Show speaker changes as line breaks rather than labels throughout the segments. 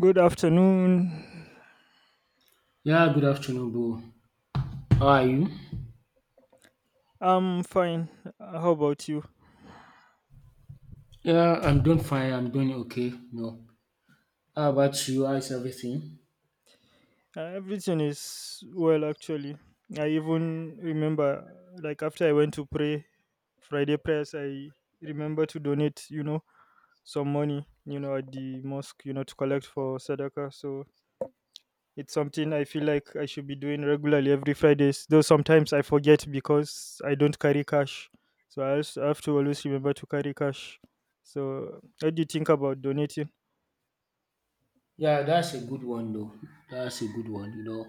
Good afternoon.
Yeah, good afternoon, Bo. How are you?
I'm fine. How about you?
Yeah, I'm doing fine. I'm doing okay. No, how about you? How is everything?
Everything is well, actually. I even remember, like, after I went to pray Friday prayers, I remember to donate, some money, at the mosque, to collect for Sadaqah. So it's something I feel like I should be doing regularly every Fridays, though sometimes I forget because I don't carry cash. So I also have to always remember to carry cash. So, what do you think about donating?
Yeah, that's a good one though. That's a good one. You know,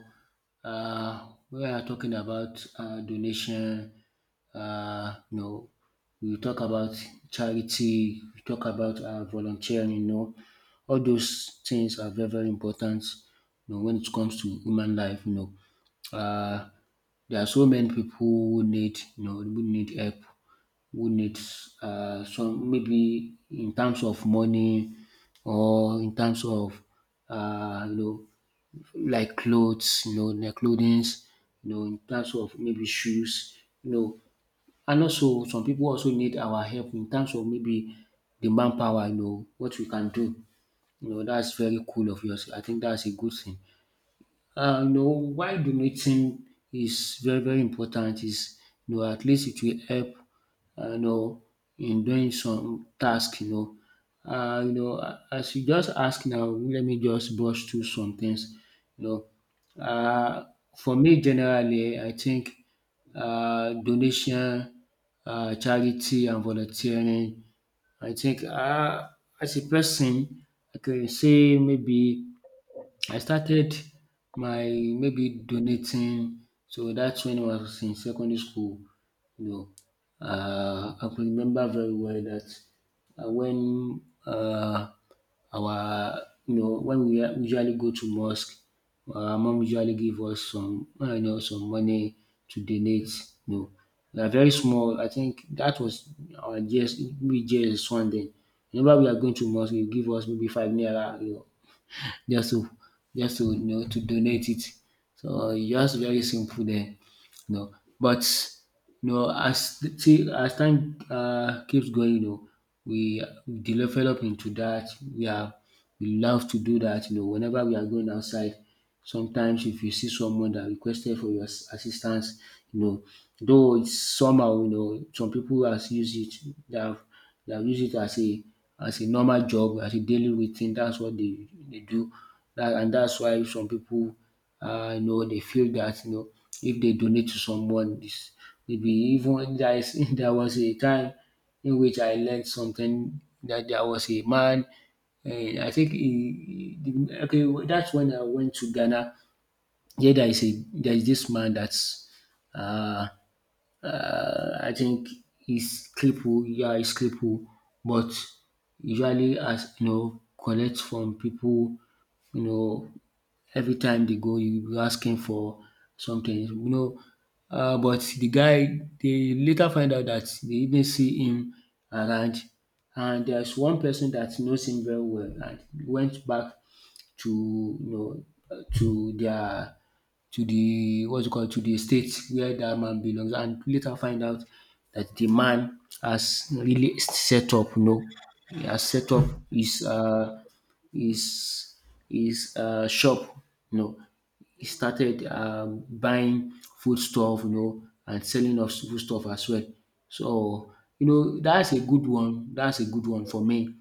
we are talking about donation. Uh, you know, we talk about charity. We talk about volunteering. You know, all those things are very important. You know, when it comes to human life, there are so many people who need, you know, who need help, who needs some, maybe in terms of money or in terms of you know, like clothes, you know, their clothings, you know, in terms of maybe shoes, you know, and also some people also need our help in terms of maybe the manpower, you know, what we can do. You know, that's very cool of yours. I think that's a good thing. You know, why donating is very, very important is, at least it will help, you know, in doing some task, you know. You know, as you just ask now, let me just brush through some things, you know. Uh, for me, generally, I think donation, charity, and volunteering, I think, as a person, I can say maybe I started my, maybe, donating, so that's when I was in secondary school. You know, I can remember very well that when uh, our, you know, when usually go to mosque, our mom usually give us some, you know, some money to donate. You know, we are very small. I think that was our, just, we just one day. Whenever we are going to mosque, you give us maybe five naira. You know, just to just to you know, to donate it. So e just very simple there, you know. But you know, as see, as time keeps going, you know, we develop into that. We are, we love to do that. You know, whenever we are going outside, sometimes if you see someone that requested for your assistance, you know, though it's somehow, you know, some people has use it, they have use it as a, as a normal job, as a daily routine. That's what they do that, and that's why some people, you know, they feel that, you know, if they donate to someone, this, maybe, even there is there was a time in which I learned something, that there was a man. And I think okay, well, that's when I went to Ghana. Yeah, there is a, there is this man that's, uh, I think he's crippled. Yeah, he's crippled, but usually as you know collects from people, you know. Every time they go, you be asking for something, you know. But the guy, they later find out that they even see him around, and there's one person that knows him very well, and went back to, you know, uh, to their to the, what's it called, to the state where that man belongs, and later find out that the man has really set up, you know, he has set up his, his shop, you know. He started buying foodstuff, you know, and selling us foodstuff as well. So, you know, that's a good one. That's a good one for me.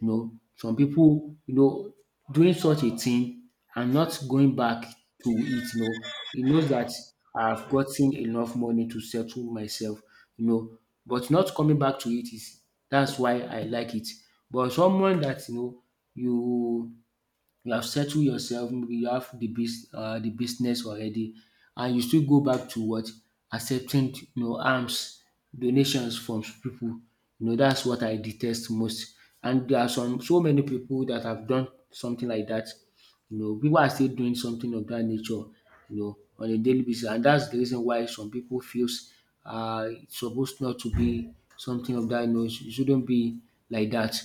You know, some people, you know, doing such a thing and not going back to it, you know, he knows that I've gotten enough money to settle myself, you know, but not coming back to it is, that's why I like it. But someone that, you know, you you have settled yourself, maybe you have the bus the business already, and you still go back to, what, accepting, you know, arms, donations from people. You know, dats what I detest most. And there are some, so many people that have done something like that. You know, people are still doing something of that nature, you know, on a daily basis. And that's the reason why some people feels, it's supposed not to be something of that nature. It shouldn't be like that,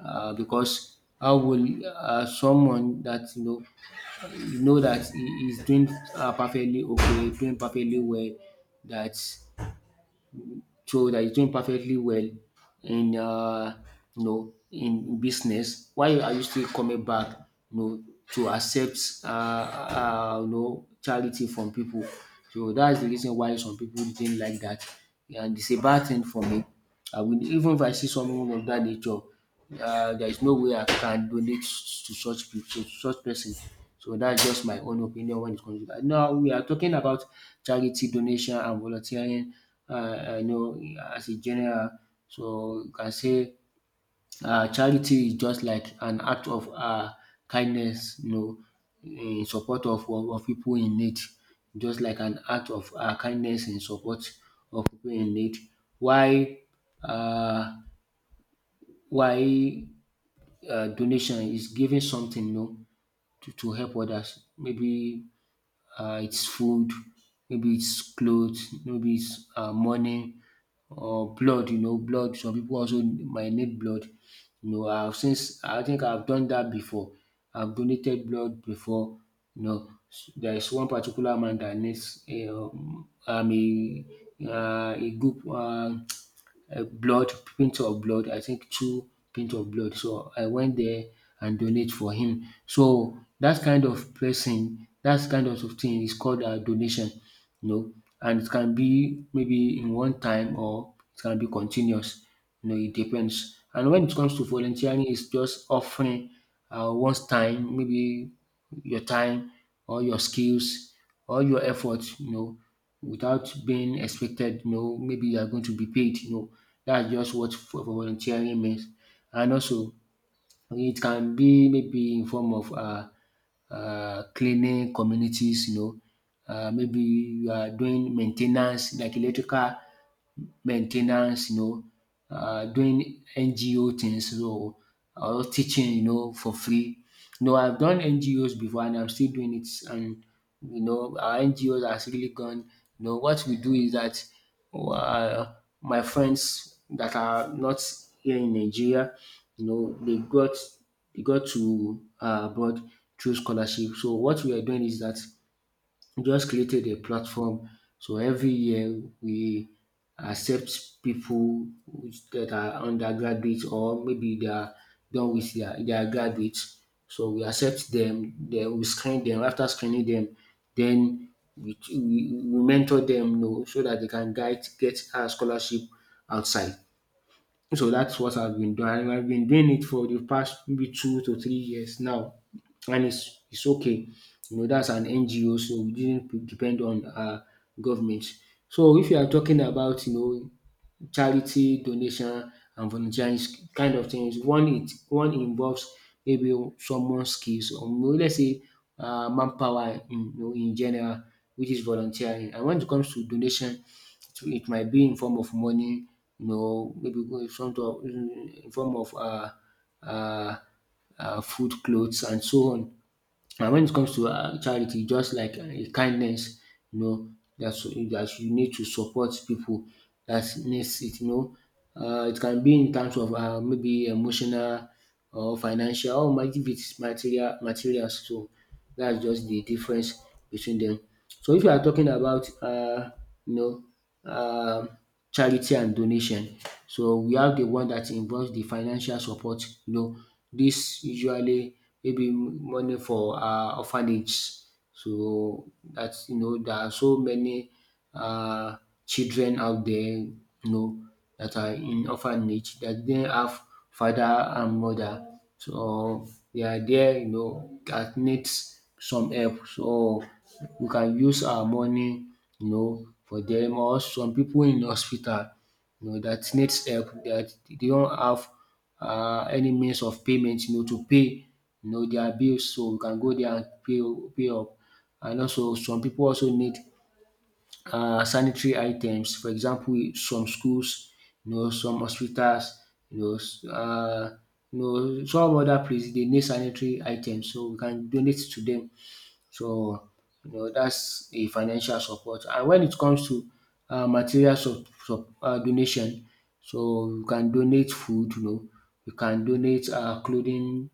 because how will, someone that you know, you know that he is doing, perfectly okay, doing perfectly well, that, so that is doing perfectly well in, you know, in business, why are you still coming back, you know, to accept, you know, charity from people. So that's the reason why some people didn't like that, and it's a bad thing for me. I will, even if I see someone of that nature, there is no way I can donate to such to such person. So that's just my own opinion when it comes to dat. Now we are talking about charity, donation, and volunteering. You know, as a general. So you can say, charity is just like an act of, kindness, you know, in support of, of people in need. Just like an act of kindness in support of people in need. Why, uh, why donation is giving something, you know, to help others. Maybe, it's food, maybe it's clothes, maybe it's, money, or blood, you know, blood. Some people also might need blood. You know, I've, since, I think I've done that before. I've donated blood before. You know, there is one particular man that needs a group, a blood, pint of blood. I think two pint of blood. So I went there and donate for him. So that kind of person, that kind of thing is called a donation, you know, and it can be maybe in one time, or it can be continuous. You know, it depends. And when it comes to volunteering, it's just offering, one's time, maybe your time, or your skills, or your effort, you know, without being expected, you know, maybe you are going to be paid, you know. That's just what for volunteering means. And also, it can be maybe in form of cleaning communities, you know, maybe you are doing maintenance, like electrical maintenance, you know, doing NGO things, so, or teaching, you know, for free. You know, I've done NGOs before, and I'm still doing it, and you know, our NGOs has really gone, you know, what we do is that, um my friends that are not here in Nigeria, you know, they got to, abroad through scholarship. So what we are doing is that we just created a platform. So every year we accept people that are undergraduates, or maybe they are done with their graduates. So we accept them, then we screen them. After screening them, then we mentor them, you know, so that they can guide, get a scholarship outside. So that's what I've been doing. And I've been doing it for the past maybe 2 to 3 years now, and it's okay. You know, that's an NGO, so we didn't depend on, government. So if you are talking about, you know, charity, donation, and volunteering kind of things. One, it one involves maybe someone skills, or maybe, let's say, manpower in, you know, in general, which is volunteering. And when it comes to donation, to, it might be in form of money, you know, maybe go in front of, in form of, uh food, clothes, and so on. And when it comes to charity, just like kindness, you know, that's that you need to support people. Dat needs it, you know. It can be in terms of maybe emotional, or financial, or even materials too. That's just the difference between them. So if you are talking about, you know um charity and donation, so we have the one that involves the financial support, you know, this usually maybe money for, orphanage. So that's, you know, there are so many, uh, children out there, you know, that are in orphanage that didn't have father and mother. So they are there, you know, that needs some help. So we can use our money, you know, for them, or some people in hospital, you know, that needs help, that they don't have any means of payment, you know, to pay, you know, their bills. So we can go there and pay, pay up. And also some people also need, sanitary items. For example, some schools, you know, some hospitals, you know, s- uh, you know, some other places, they need sanitary items, so we can donate to them. So, you know, that's a financial support. And when it comes to donation, so you can donate food, you know, you can donate clothing,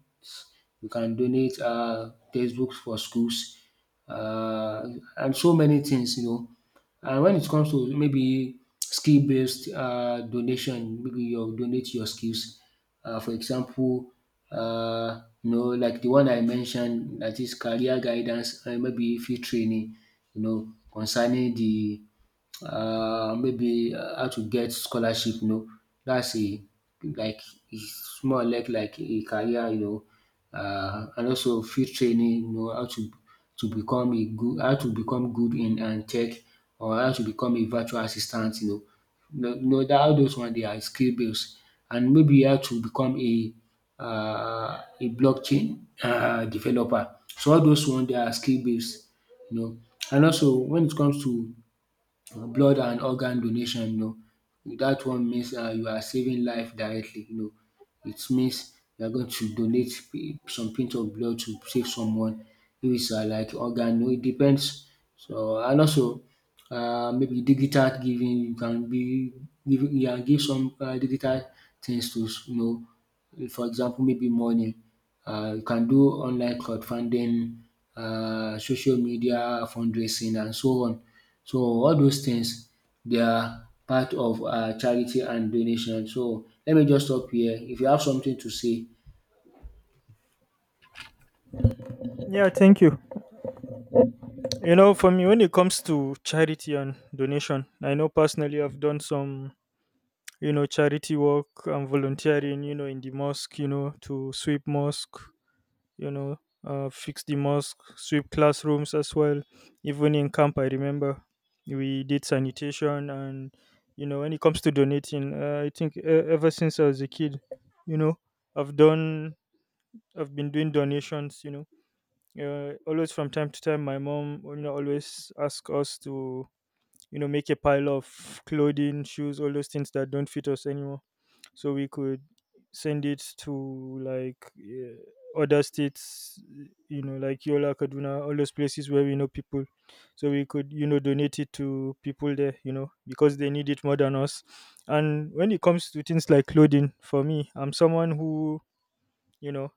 you can donate textbooks for schools, uh, and so many things, you know. And when it comes to maybe skill based donation, maybe you donate your skills. For example, you know, like the one I mentioned, that is career guidance and maybe field training, you know, concerning the maybe how to get scholarship, you know. That's a like it's more or like a career, you know, and also field training, you know, how to become a how to become good in and tech, or how to become a virtual assistant, you know. No, no, that all those one they are skill based, and maybe how to become a blockchain developer. So all those one they are skill based, you know. And also when it comes to blood and organ donation, dat one means you are saving life directly. You know, it means you are going to donate some pint of blood to save someone if it's like organ, you know, it depends. So and also maybe digital giving, you can give some digital things to you know, for example maybe money. You can do online crowdfunding, social media fundraising and so on. So all those things they are part of our charity and donation. So let me just stop here. If you have something to say,
Yeah, thank you. For me, when it comes to charity and donation, I know personally I've done some, charity work and volunteering, in the mosque, to sweep mosque you know, fix the mosque, sweep classrooms as well. Even in camp, I remember we did sanitation, and when it comes to donating, I think ever since I was a kid, you know, I've done, I've been doing donations. Always from time to time, my mom, always ask us to make a pile of clothing, shoes, all those things that don't fit us anymore, so we could send it to like other states, like Yola, Kaduna, all those places where we know people, so we could donate it to people there, because they need it more than us. And when it comes to things like clothing for me, I'm someone who you know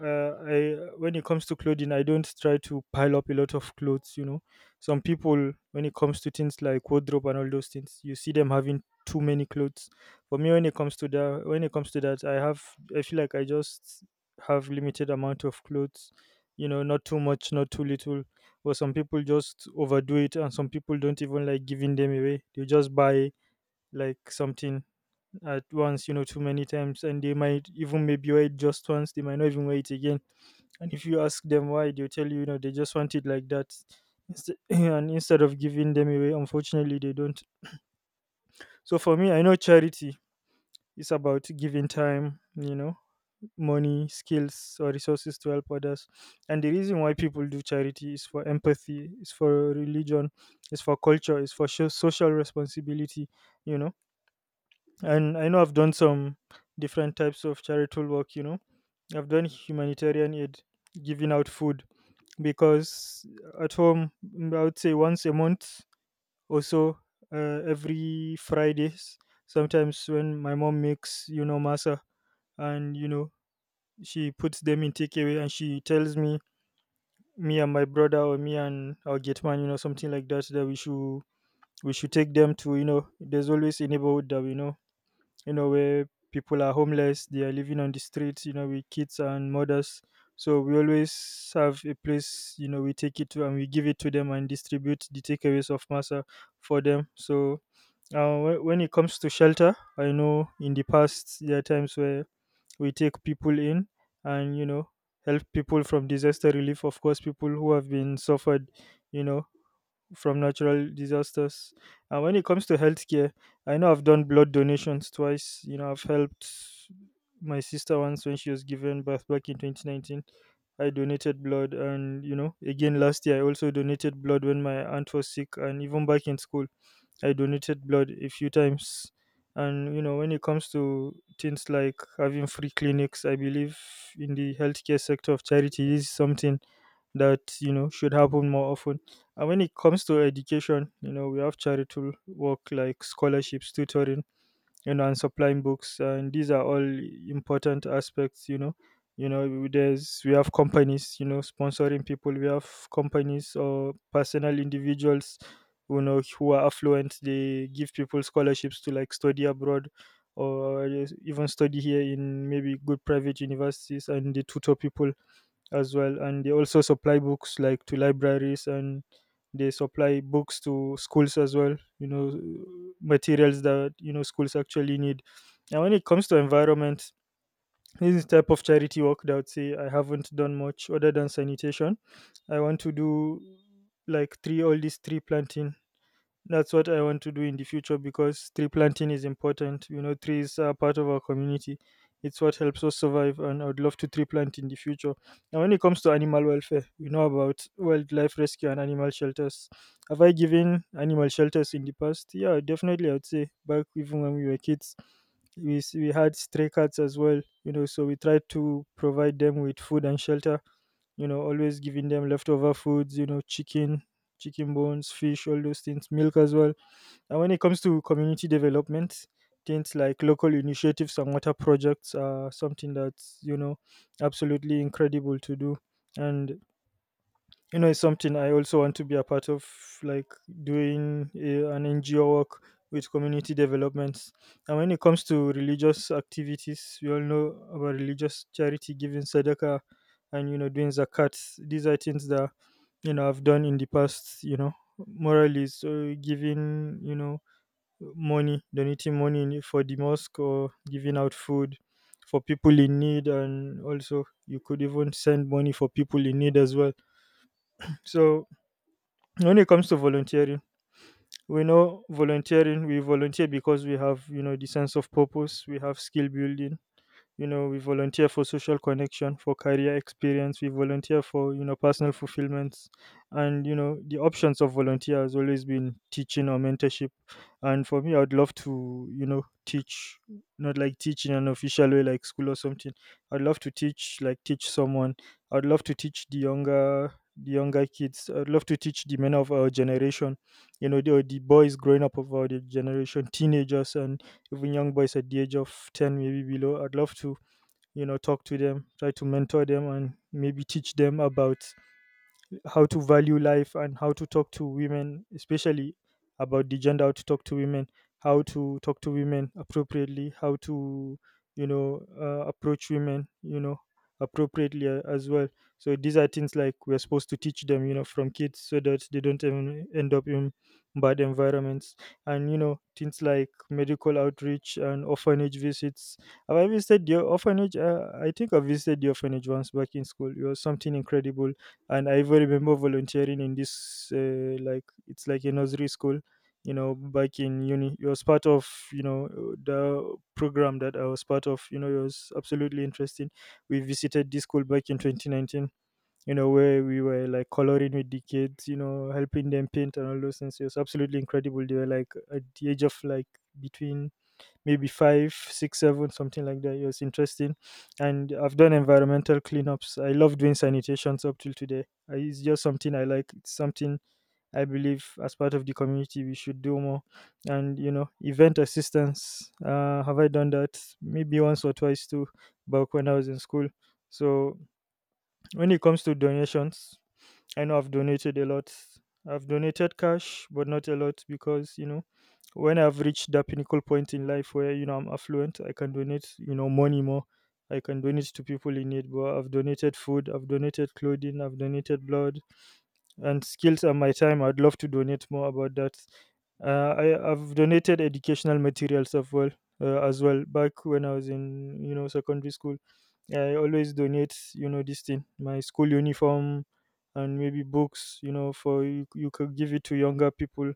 I when it comes to clothing, I don't try to pile up a lot of clothes. Some people, when it comes to things like wardrobe and all those things, you see them having too many clothes. For me, when it comes to that, I have I feel like I just have limited amount of clothes. Not too much, not too little. But some people just overdo it, and some people don't even like giving them away. They just buy like something at once, too many times, and they might even maybe wear it just once. They might not even wear it again. And if you ask them why, they'll tell you you know they just want it like that. And instead of giving them away, unfortunately they don't. So for me, I know charity is about giving time, money, skills, or resources to help others. And the reason why people do charity is for empathy, is for religion, is for culture, is for social responsibility you know and I know I've done some different types of charitable work. I've done humanitarian aid, giving out food, because at home, mm, I would say once a month or so, every Fridays, sometimes when my mom makes masa, and she puts them in takeaway and she tells me, me and my brother or me and our gate man, something like that, that we should take them to. There's always a neighborhood that we know, where people are homeless, they are living on the streets, with kids and mothers. So we always have a place, we take it to and we give it to them and distribute the takeaways of masa for them. So when it comes to shelter, I know in the past there are times where we take people in and, help people from disaster relief. Of course, people who have been suffered, you know, from natural disasters. And when it comes to healthcare, I know I've done blood donations twice. I've helped my sister once when she was given birth back in 2019. I donated blood, and again last year I also donated blood when my aunt was sick, and even back in school I donated blood a few times. And when it comes to things like having free clinics, I believe in the healthcare sector of charity is something that should happen more often. And when it comes to education, we have charitable work like scholarships, tutoring, and supplying books, and these are all important aspects. There's— we have companies, sponsoring people. We have companies or personal individuals, who are affluent. They give people scholarships to like study abroad or just even study here in maybe good private universities, and they tutor people as well, and they also supply books like to libraries, and they supply books to schools as well, materials that schools actually need. And when it comes to environment, this is type of charity work that I would say I haven't done much other than sanitation. I want to do like three all these tree planting. That's what I want to do in the future because tree planting is important. Trees are part of our community. It's what helps us survive, and I would love to tree plant in the future. And when it comes to animal welfare, we know about wildlife rescue and animal shelters. Have I given animal shelters in the past? Yeah, definitely. I would say back even when we were kids, we had stray cats as well. So we tried to provide them with food and shelter, always giving them leftover foods, chicken bones, fish, all those things, milk as well. And when it comes to community development, things like local initiatives and water projects are something that's absolutely incredible to do. And it's something I also want to be a part of, like doing an NGO work with community developments. And when it comes to religious activities, we all know about religious charity, giving Sadaqah, and doing Zakat. These are things that I've done in the past, morally so, giving money, donating money for the mosque, or giving out food for people in need. And also you could even send money for people in need as well. So when it comes to volunteering, we know volunteering, we volunteer because we have, the sense of purpose, we have skill building, we volunteer for social connection, for career experience, we volunteer for personal fulfillments. And the options of volunteer has always been teaching or mentorship. And for me, I'd love to teach. Not like teach in an official way like school or something, I'd love to teach, like, teach someone. I'd love to teach the younger kids. I'd love to teach the men of our generation, the, boys growing up of our generation, teenagers, and even young boys at the age of 10 maybe below. I'd love to talk to them, try to mentor them, and maybe teach them about how to value life and how to talk to women, especially about the gender, how to talk to women, how to talk to women appropriately, how to, approach women, appropriately as well. So these are things like we're supposed to teach them, from kids so that they don't even end up in bad environments. And, things like medical outreach and orphanage visits. Have I visited the orphanage? I think I visited the orphanage once back in school. It was something incredible, and I even remember volunteering in this like, it's like a nursery school, back in uni. It was part of the program that I was part of, it was absolutely interesting. We visited this school back in 2019, where we were like coloring with the kids, helping them paint and all those things. It was absolutely incredible. They were like at the age of like between maybe five, six, seven, something like that. It was interesting. And I've done environmental cleanups. I love doing sanitations up till today. I, it's just something I like. It's something I believe as part of the community we should do more. And, event assistance. Have I done that? Maybe once or twice too, back when I was in school. So when it comes to donations, I know I've donated a lot. I've donated cash, but not a lot because, when I've reached that pinnacle point in life where, I'm affluent, I can donate, money more. I can donate to people in need, but I've donated food, I've donated clothing, I've donated blood, and skills and my time. I'd love to donate more about that. I've donated educational materials as well, as well back when I was in, you know, secondary school. I always donate, you know, this thing, my school uniform, and maybe books. You know, you could give it to younger people,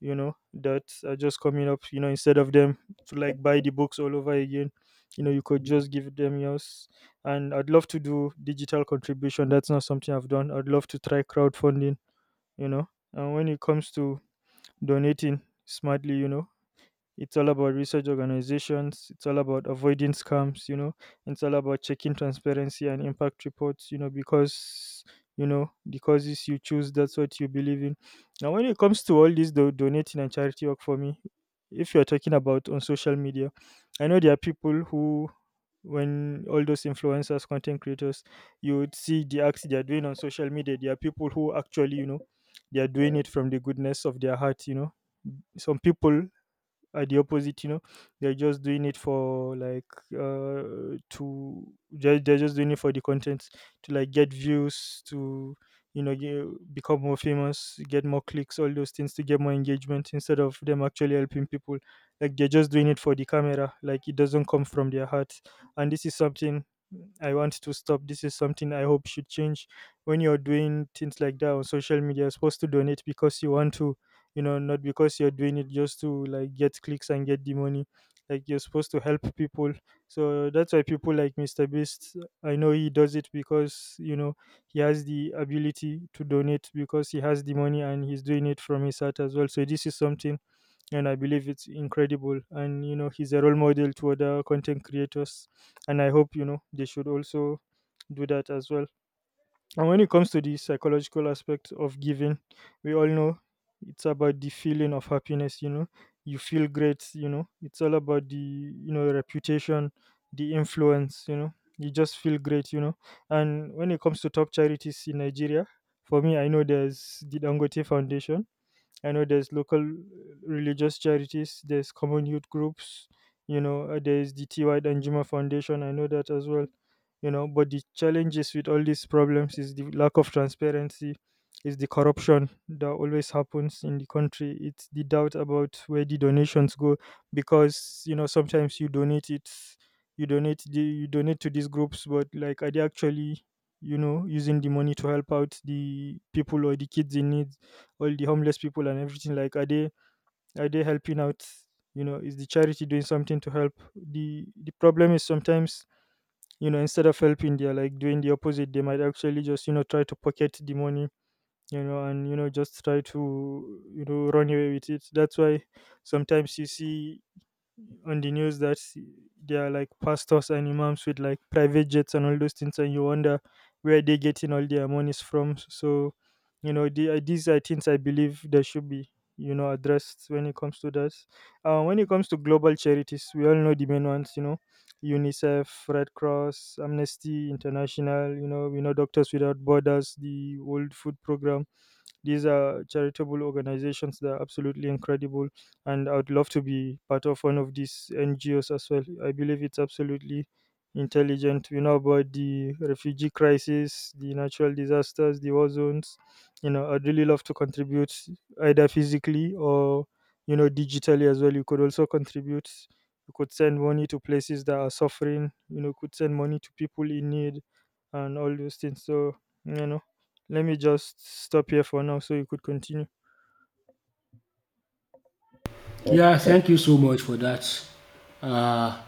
you know, that are just coming up, you know, instead of them to like buy the books all over again. You know, you could just give them yours. And I'd love to do digital contribution. That's not something I've done. I'd love to try crowdfunding, you know. And when it comes to donating smartly, you know, it's all about research organizations. It's all about avoiding scams, you know. It's all about checking transparency and impact reports, you know, because, you know, the causes you choose, that's what you believe in. Now, when it comes to all this donating and charity work for me, if you're talking about on social media, I know there are people who, when all those influencers, content creators, you would see the acts they are doing on social media. There are people who actually, you know, they are doing it from the goodness of their heart, you know. Some people, at the opposite, you know, they're just doing it for like, they're just doing it for the content, to like get views, to, you know, become more famous, get more clicks, all those things, to get more engagement instead of them actually helping people. Like, they're just doing it for the camera. Like, it doesn't come from their heart, and this is something I want to stop. This is something I hope should change. When you're doing things like that on social media, you're supposed to donate because you want to, you know, not because you're doing it just to like get clicks and get the money. Like, you're supposed to help people. So that's why people like Mr. Beast, I know he does it because, you know, he has the ability to donate because he has the money, and he's doing it from his heart as well. So this is something, and I believe it's incredible. And you know, he's a role model to other content creators, and I hope, you know, they should also do that as well. And when it comes to the psychological aspect of giving, we all know it's about the feeling of happiness, you know. You feel great, you know. It's all about the, you know, reputation, the influence, you know. You just feel great, you know. And when it comes to top charities in Nigeria, for me, I know there's the Dangote Foundation. I know there's local, religious charities, there's common youth groups, you know, there's the TY Danjuma Foundation. I know that as well, you know. But the challenges with all these problems is the lack of transparency, is the corruption that always happens in the country. It's the doubt about where the donations go, because you know, sometimes you donate it, you donate to these groups, but like, are they actually, you know, using the money to help out the people or the kids in need, all the homeless people and everything. Like, are they, are they helping out? You know, is the charity doing something to help the problem? Is sometimes, you know, instead of helping, they're like doing the opposite. They might actually just, you know, try to pocket the money, you know, and you know, just try to, you know, run away with it. That's why sometimes you see on the news that they are like pastors and imams with like private jets and all those things, and you wonder where they're getting all their monies from. So, you know, these are things I believe they should be, you know, addressed when it comes to that. When it comes to global charities, we all know the main ones, you know, UNICEF, Red Cross, Amnesty International, you know, we know Doctors Without Borders, the World Food Program. These are charitable organizations that are absolutely incredible, and I would love to be part of one of these NGOs as well. I believe it's absolutely intelligent. We know about the refugee crisis, the natural disasters, the war zones. You know, I'd really love to contribute either physically or, you know, digitally as well. You could also contribute. You could send money to places that are suffering. You know, could send money to people in need, and all those things. So, you know, let me just stop here for now so you could continue.
yeah, thank you so much for that uh,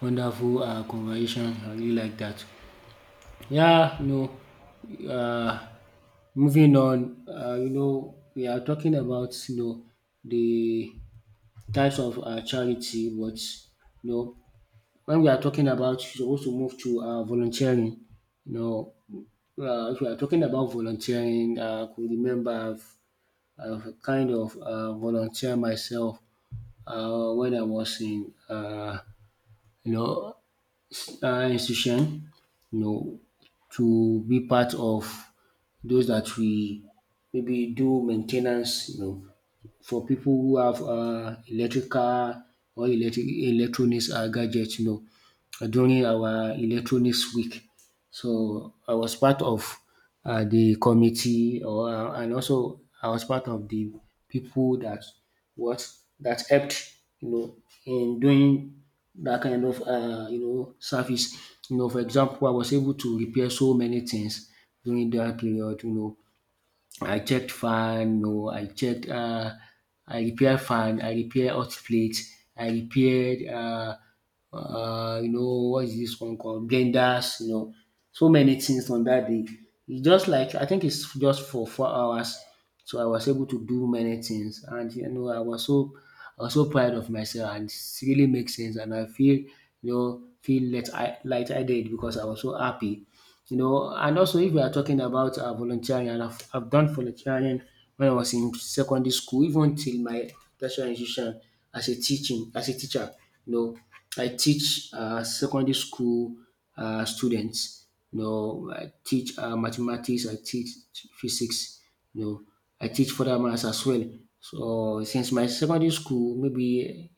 wonderful conversation. I really like that. Yeah, no. Uh, Moving on, you know, we are talking about you know the types of charity, but you know, when we are talking about you're supposed to move to volunteering, you know, if we are talking about volunteering, I could remember I've kind of volunteered myself when I was in you know, institution, you know, to be part of those that we maybe do maintenance, you know, for people who have electrical or electric electronics gadgets, you know, during our electronics week. So I was part of the committee, or and also I was part of the people that what that helped you know in doing that kind of you know service. You know, for example, I was able to repair so many things during that period. You know, I checked fan, no, I repair fan, I repair hot plate, I repaired, uh, you know, what is this one called? Blenders, you know, so many things on that day. It's just like, I think it's just for 4 hours. So I was able to do many things. And, you know, I was so proud of myself and it really makes sense. And I feel, you know, feel light, light-headed because I was so happy you know. And also, if we are talking about volunteering, and I've done volunteering when I was in secondary school, even till my tertiary institution as a teacher. You know, I teach secondary school students. You know, I teach mathematics, I teach physics. You know, I teach further maths as well. So since my secondary school, maybe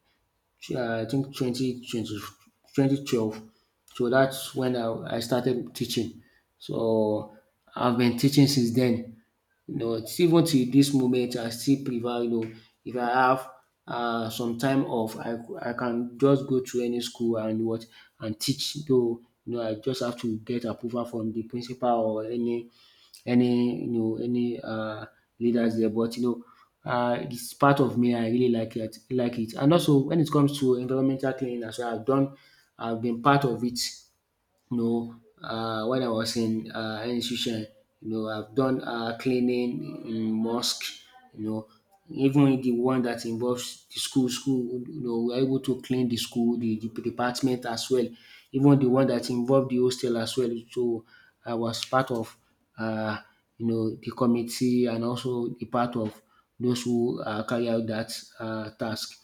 I think 2012. So that's when I started teaching. So I've been teaching since then. You know, it's even till this moment, I still prefer, you know, if I have some time off, I can just go to any school and what and teach. Though, you know, I just have to get approval from the principal or any any leaders there. But you know it's part of me. I really like it. And also when it comes to environmental cleaning as well, I've been part of it you know, when I was in institution, you know, I've done cleaning in mosque, you know, even the one that involves school, you know, we're able to clean the school, the department as well, even the one that involved the hostel as well. So I was part of, uh, you know, the committee and also the part of those who carry out that task.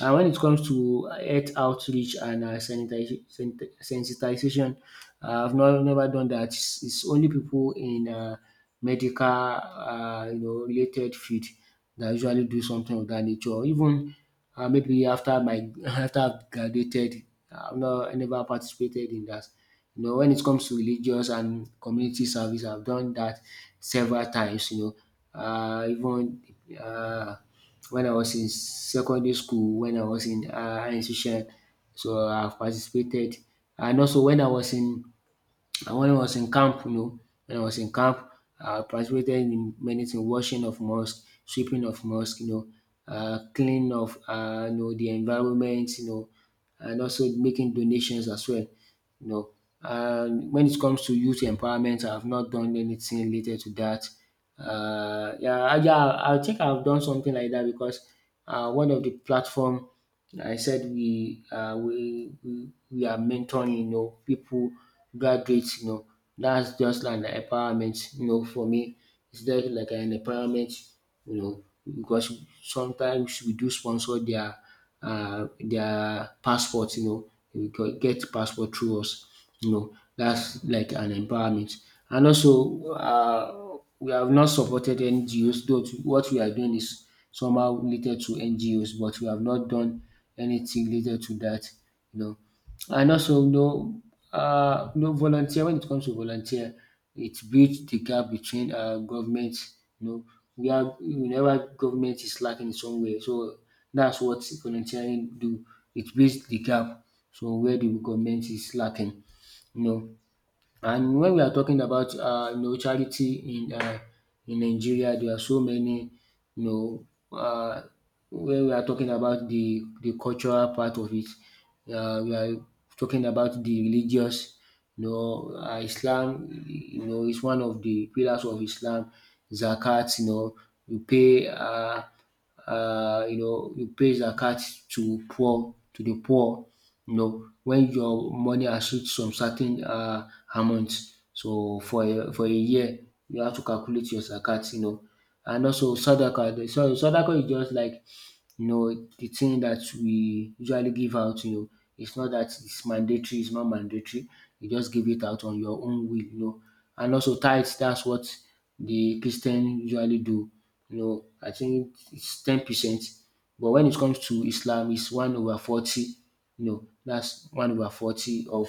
And when it comes to health outreach and sensitization, I've not, never done that. It's only people in medical, you know, related field that usually do something of that nature. Or even maybe after my after I've graduated, I never participated in that. You know, when it comes to religious and community service, I've done that several times. You know, even. Uh, when I was in secondary school, when I was in higher institution. So I've participated and also when I was in camp, you know, when I was in camp, I participated in many things, washing of mosque, sweeping of mosque, you know, cleaning of you know the environment, you know, and also making donations as well. You know, and when it comes to youth empowerment, I have not done anything related to that. Yeah, I think I've done something like that because one of the platform I said we we are mentoring, you know, people graduates, you know, that's just like an empowerment, you know, for me. It's just like an empowerment, you know, because sometimes we do sponsor their passport, you know, get passport through us, you know, that's like an empowerment. And also, we have not supported NGOs, though what we are doing is somehow related to NGOs, but we have not done anything related to that, you know. And also, no, know, no volunteer, when it comes to volunteer, it bridge the gap between government, you know, we are whenever government is lacking in some way. So that's what volunteering do. It bridge the gap so where the government is lacking, you know. And when we are talking about you know charity in Nigeria, there are so many you know uh, when we are talking about the cultural part of it, we are talking about the religious. You know, Islam. You know, is one of the pillars of Islam. Zakat. You know, you pay. You know, you pay zakat to poor, to the poor, you know, when your money exceeds some certain amount. So for a year, you have to calculate your zakat, you know. And also sadaka, the so sadaka is just like you know, the thing that we usually give out, you know, it's not that it's mandatory, it's not mandatory. You just give it out on your own will, you know. And also tithes, that's what the Christian usually do. You know, I think it's 10%. But when it comes to Islam, it's one over 40. You know, that's one over 40 of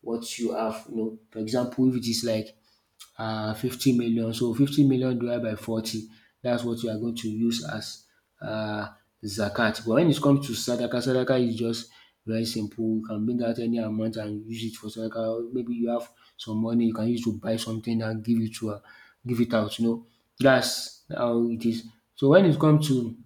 what you have. You know, for example, if it is like 50 million. So 50 million divided by 40, that's what you are going to use as uh, zakat. But when it comes to sadaka, sadaka is just very simple. You can bring out any amount and use it for sadaka. Maybe you have some money, you can use to buy something and give it to give it out. You know, that's how it is. So when it comes to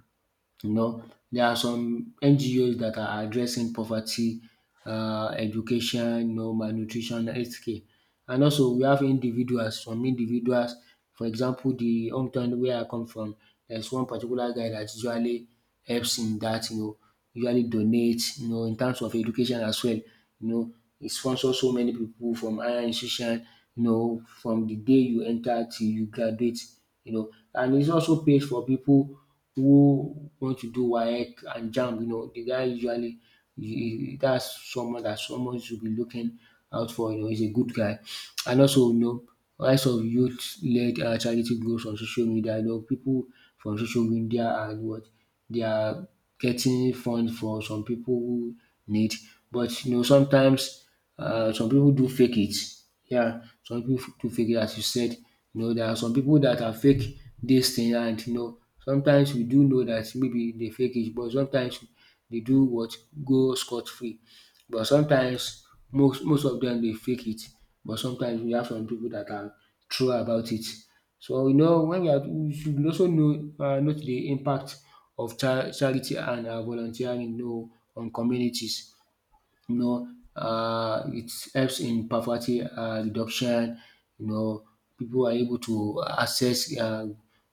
you know, there are some NGOs that are addressing poverty, education, you know, malnutrition, healthcare. And also we have individuals, some individuals, for example, the hometown where I come from, there's one particular guy that usually helps in that, you know, usually donates, you know, in terms of education as well. You know, he sponsors so many people from higher institution, you know, from the day you enter till you graduate, you know, and it also pays for people who want to do WAEC and JAMB, you know, the guy usually that's someone that someone should be looking out for. You know, he's a good guy. And also, you know, rise of youth-led charity groups on social media. You know, people from social media and what they are getting fund for some people who need. But you know, sometimes some people do fake it. Yeah, some pipu too fake it as you said. You know, there are some people that are fake this thing and you know sometimes we do know that maybe they fake it but sometimes they do what? Go scot free. But sometimes most of them they fake it but sometimes we have some people that are true about it. So you know when we are we should also know note the impact of charity and volunteering you know on communities you know, it helps in poverty reduction. You know, people are able to access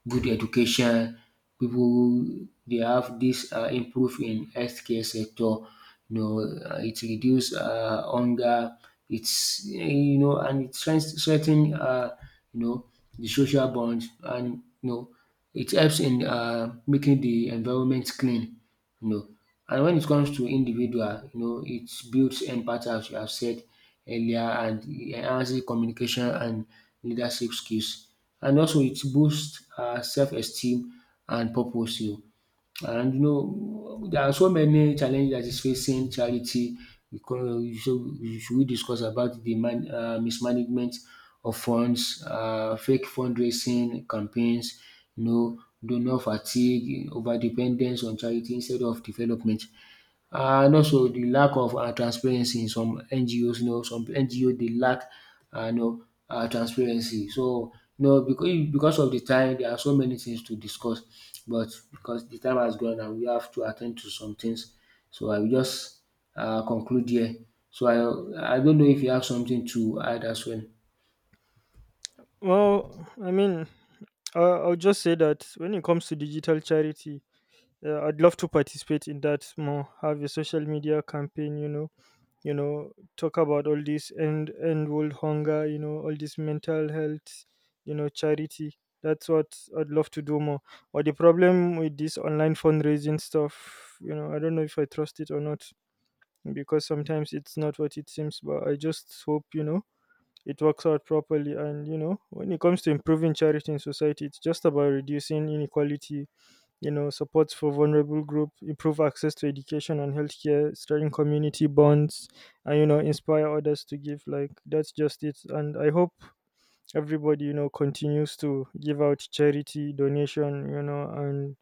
good education. People they have this improve in healthcare sector. You know, it reduce hunger. It's you know, and it strengthen you know the social bonds, and you know, it helps in making the environment clean you know. And when it comes to individual, you know, it builds empathy as you have said earlier and it enhances communication and leadership skills. And also it boosts self-esteem and purpose. You know. And you know, there are so many challenges that is facing charity. Because so we discuss about the mismanagement of funds, fake fundraising campaigns, you know, donor fatigue, over dependence on charity instead of development, um and also the lack of transparency in some NGOs. You know some NGO they lack um you know transparency. So you know because of the time there are so many things to discuss but because the time has gone and we have to attend to some things so I will just conclude here. So I don't know if you have something to add as well.
Well, I mean, I'll just say that when it comes to digital charity, I'd love to participate in that more. Have a social media campaign, you know, talk about all this end world hunger, you know, all this mental health, you know, charity. That's what I'd love to do more. But the problem with this online fundraising stuff, you know, I don't know if I trust it or not, because sometimes it's not what it seems. But I just hope, you know, it works out properly. And, you know, when it comes to improving charity in society, it's just about reducing inequality, you know, supports for vulnerable group, improve access to education and healthcare, strengthen community bonds, and, you know, inspire others to give. Like, that's just it. And I hope everybody, you know, continues to give out charity, donation, you know,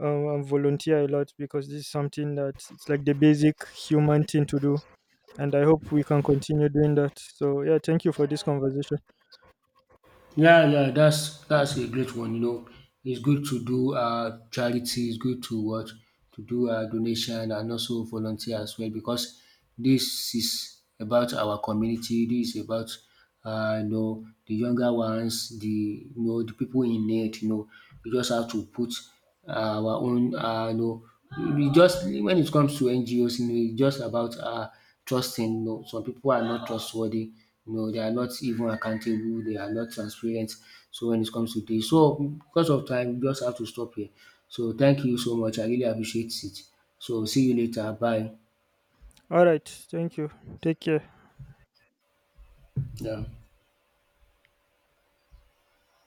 and volunteer a lot, because this is something that it's like the basic human thing to do, and I hope we can continue doing that. So, yeah, thank you for this conversation.
Yeah, yeah, that's a great one. You know, it's good to do charity. It's good to what to do donation and also volunteer as well because this is about our community. This is about you know the younger ones, the you know the people in need. You know, you just have to put uh, our own you know we just when it comes to NGOs you know it's just about trusting you know some people are not trustworthy you know they are not even accountable they are not transparent so when it comes to this, so because of time we just have to stop here so thank you so much I really appreciate it so see you later bye
Alright, thank you. Take care.
yeah.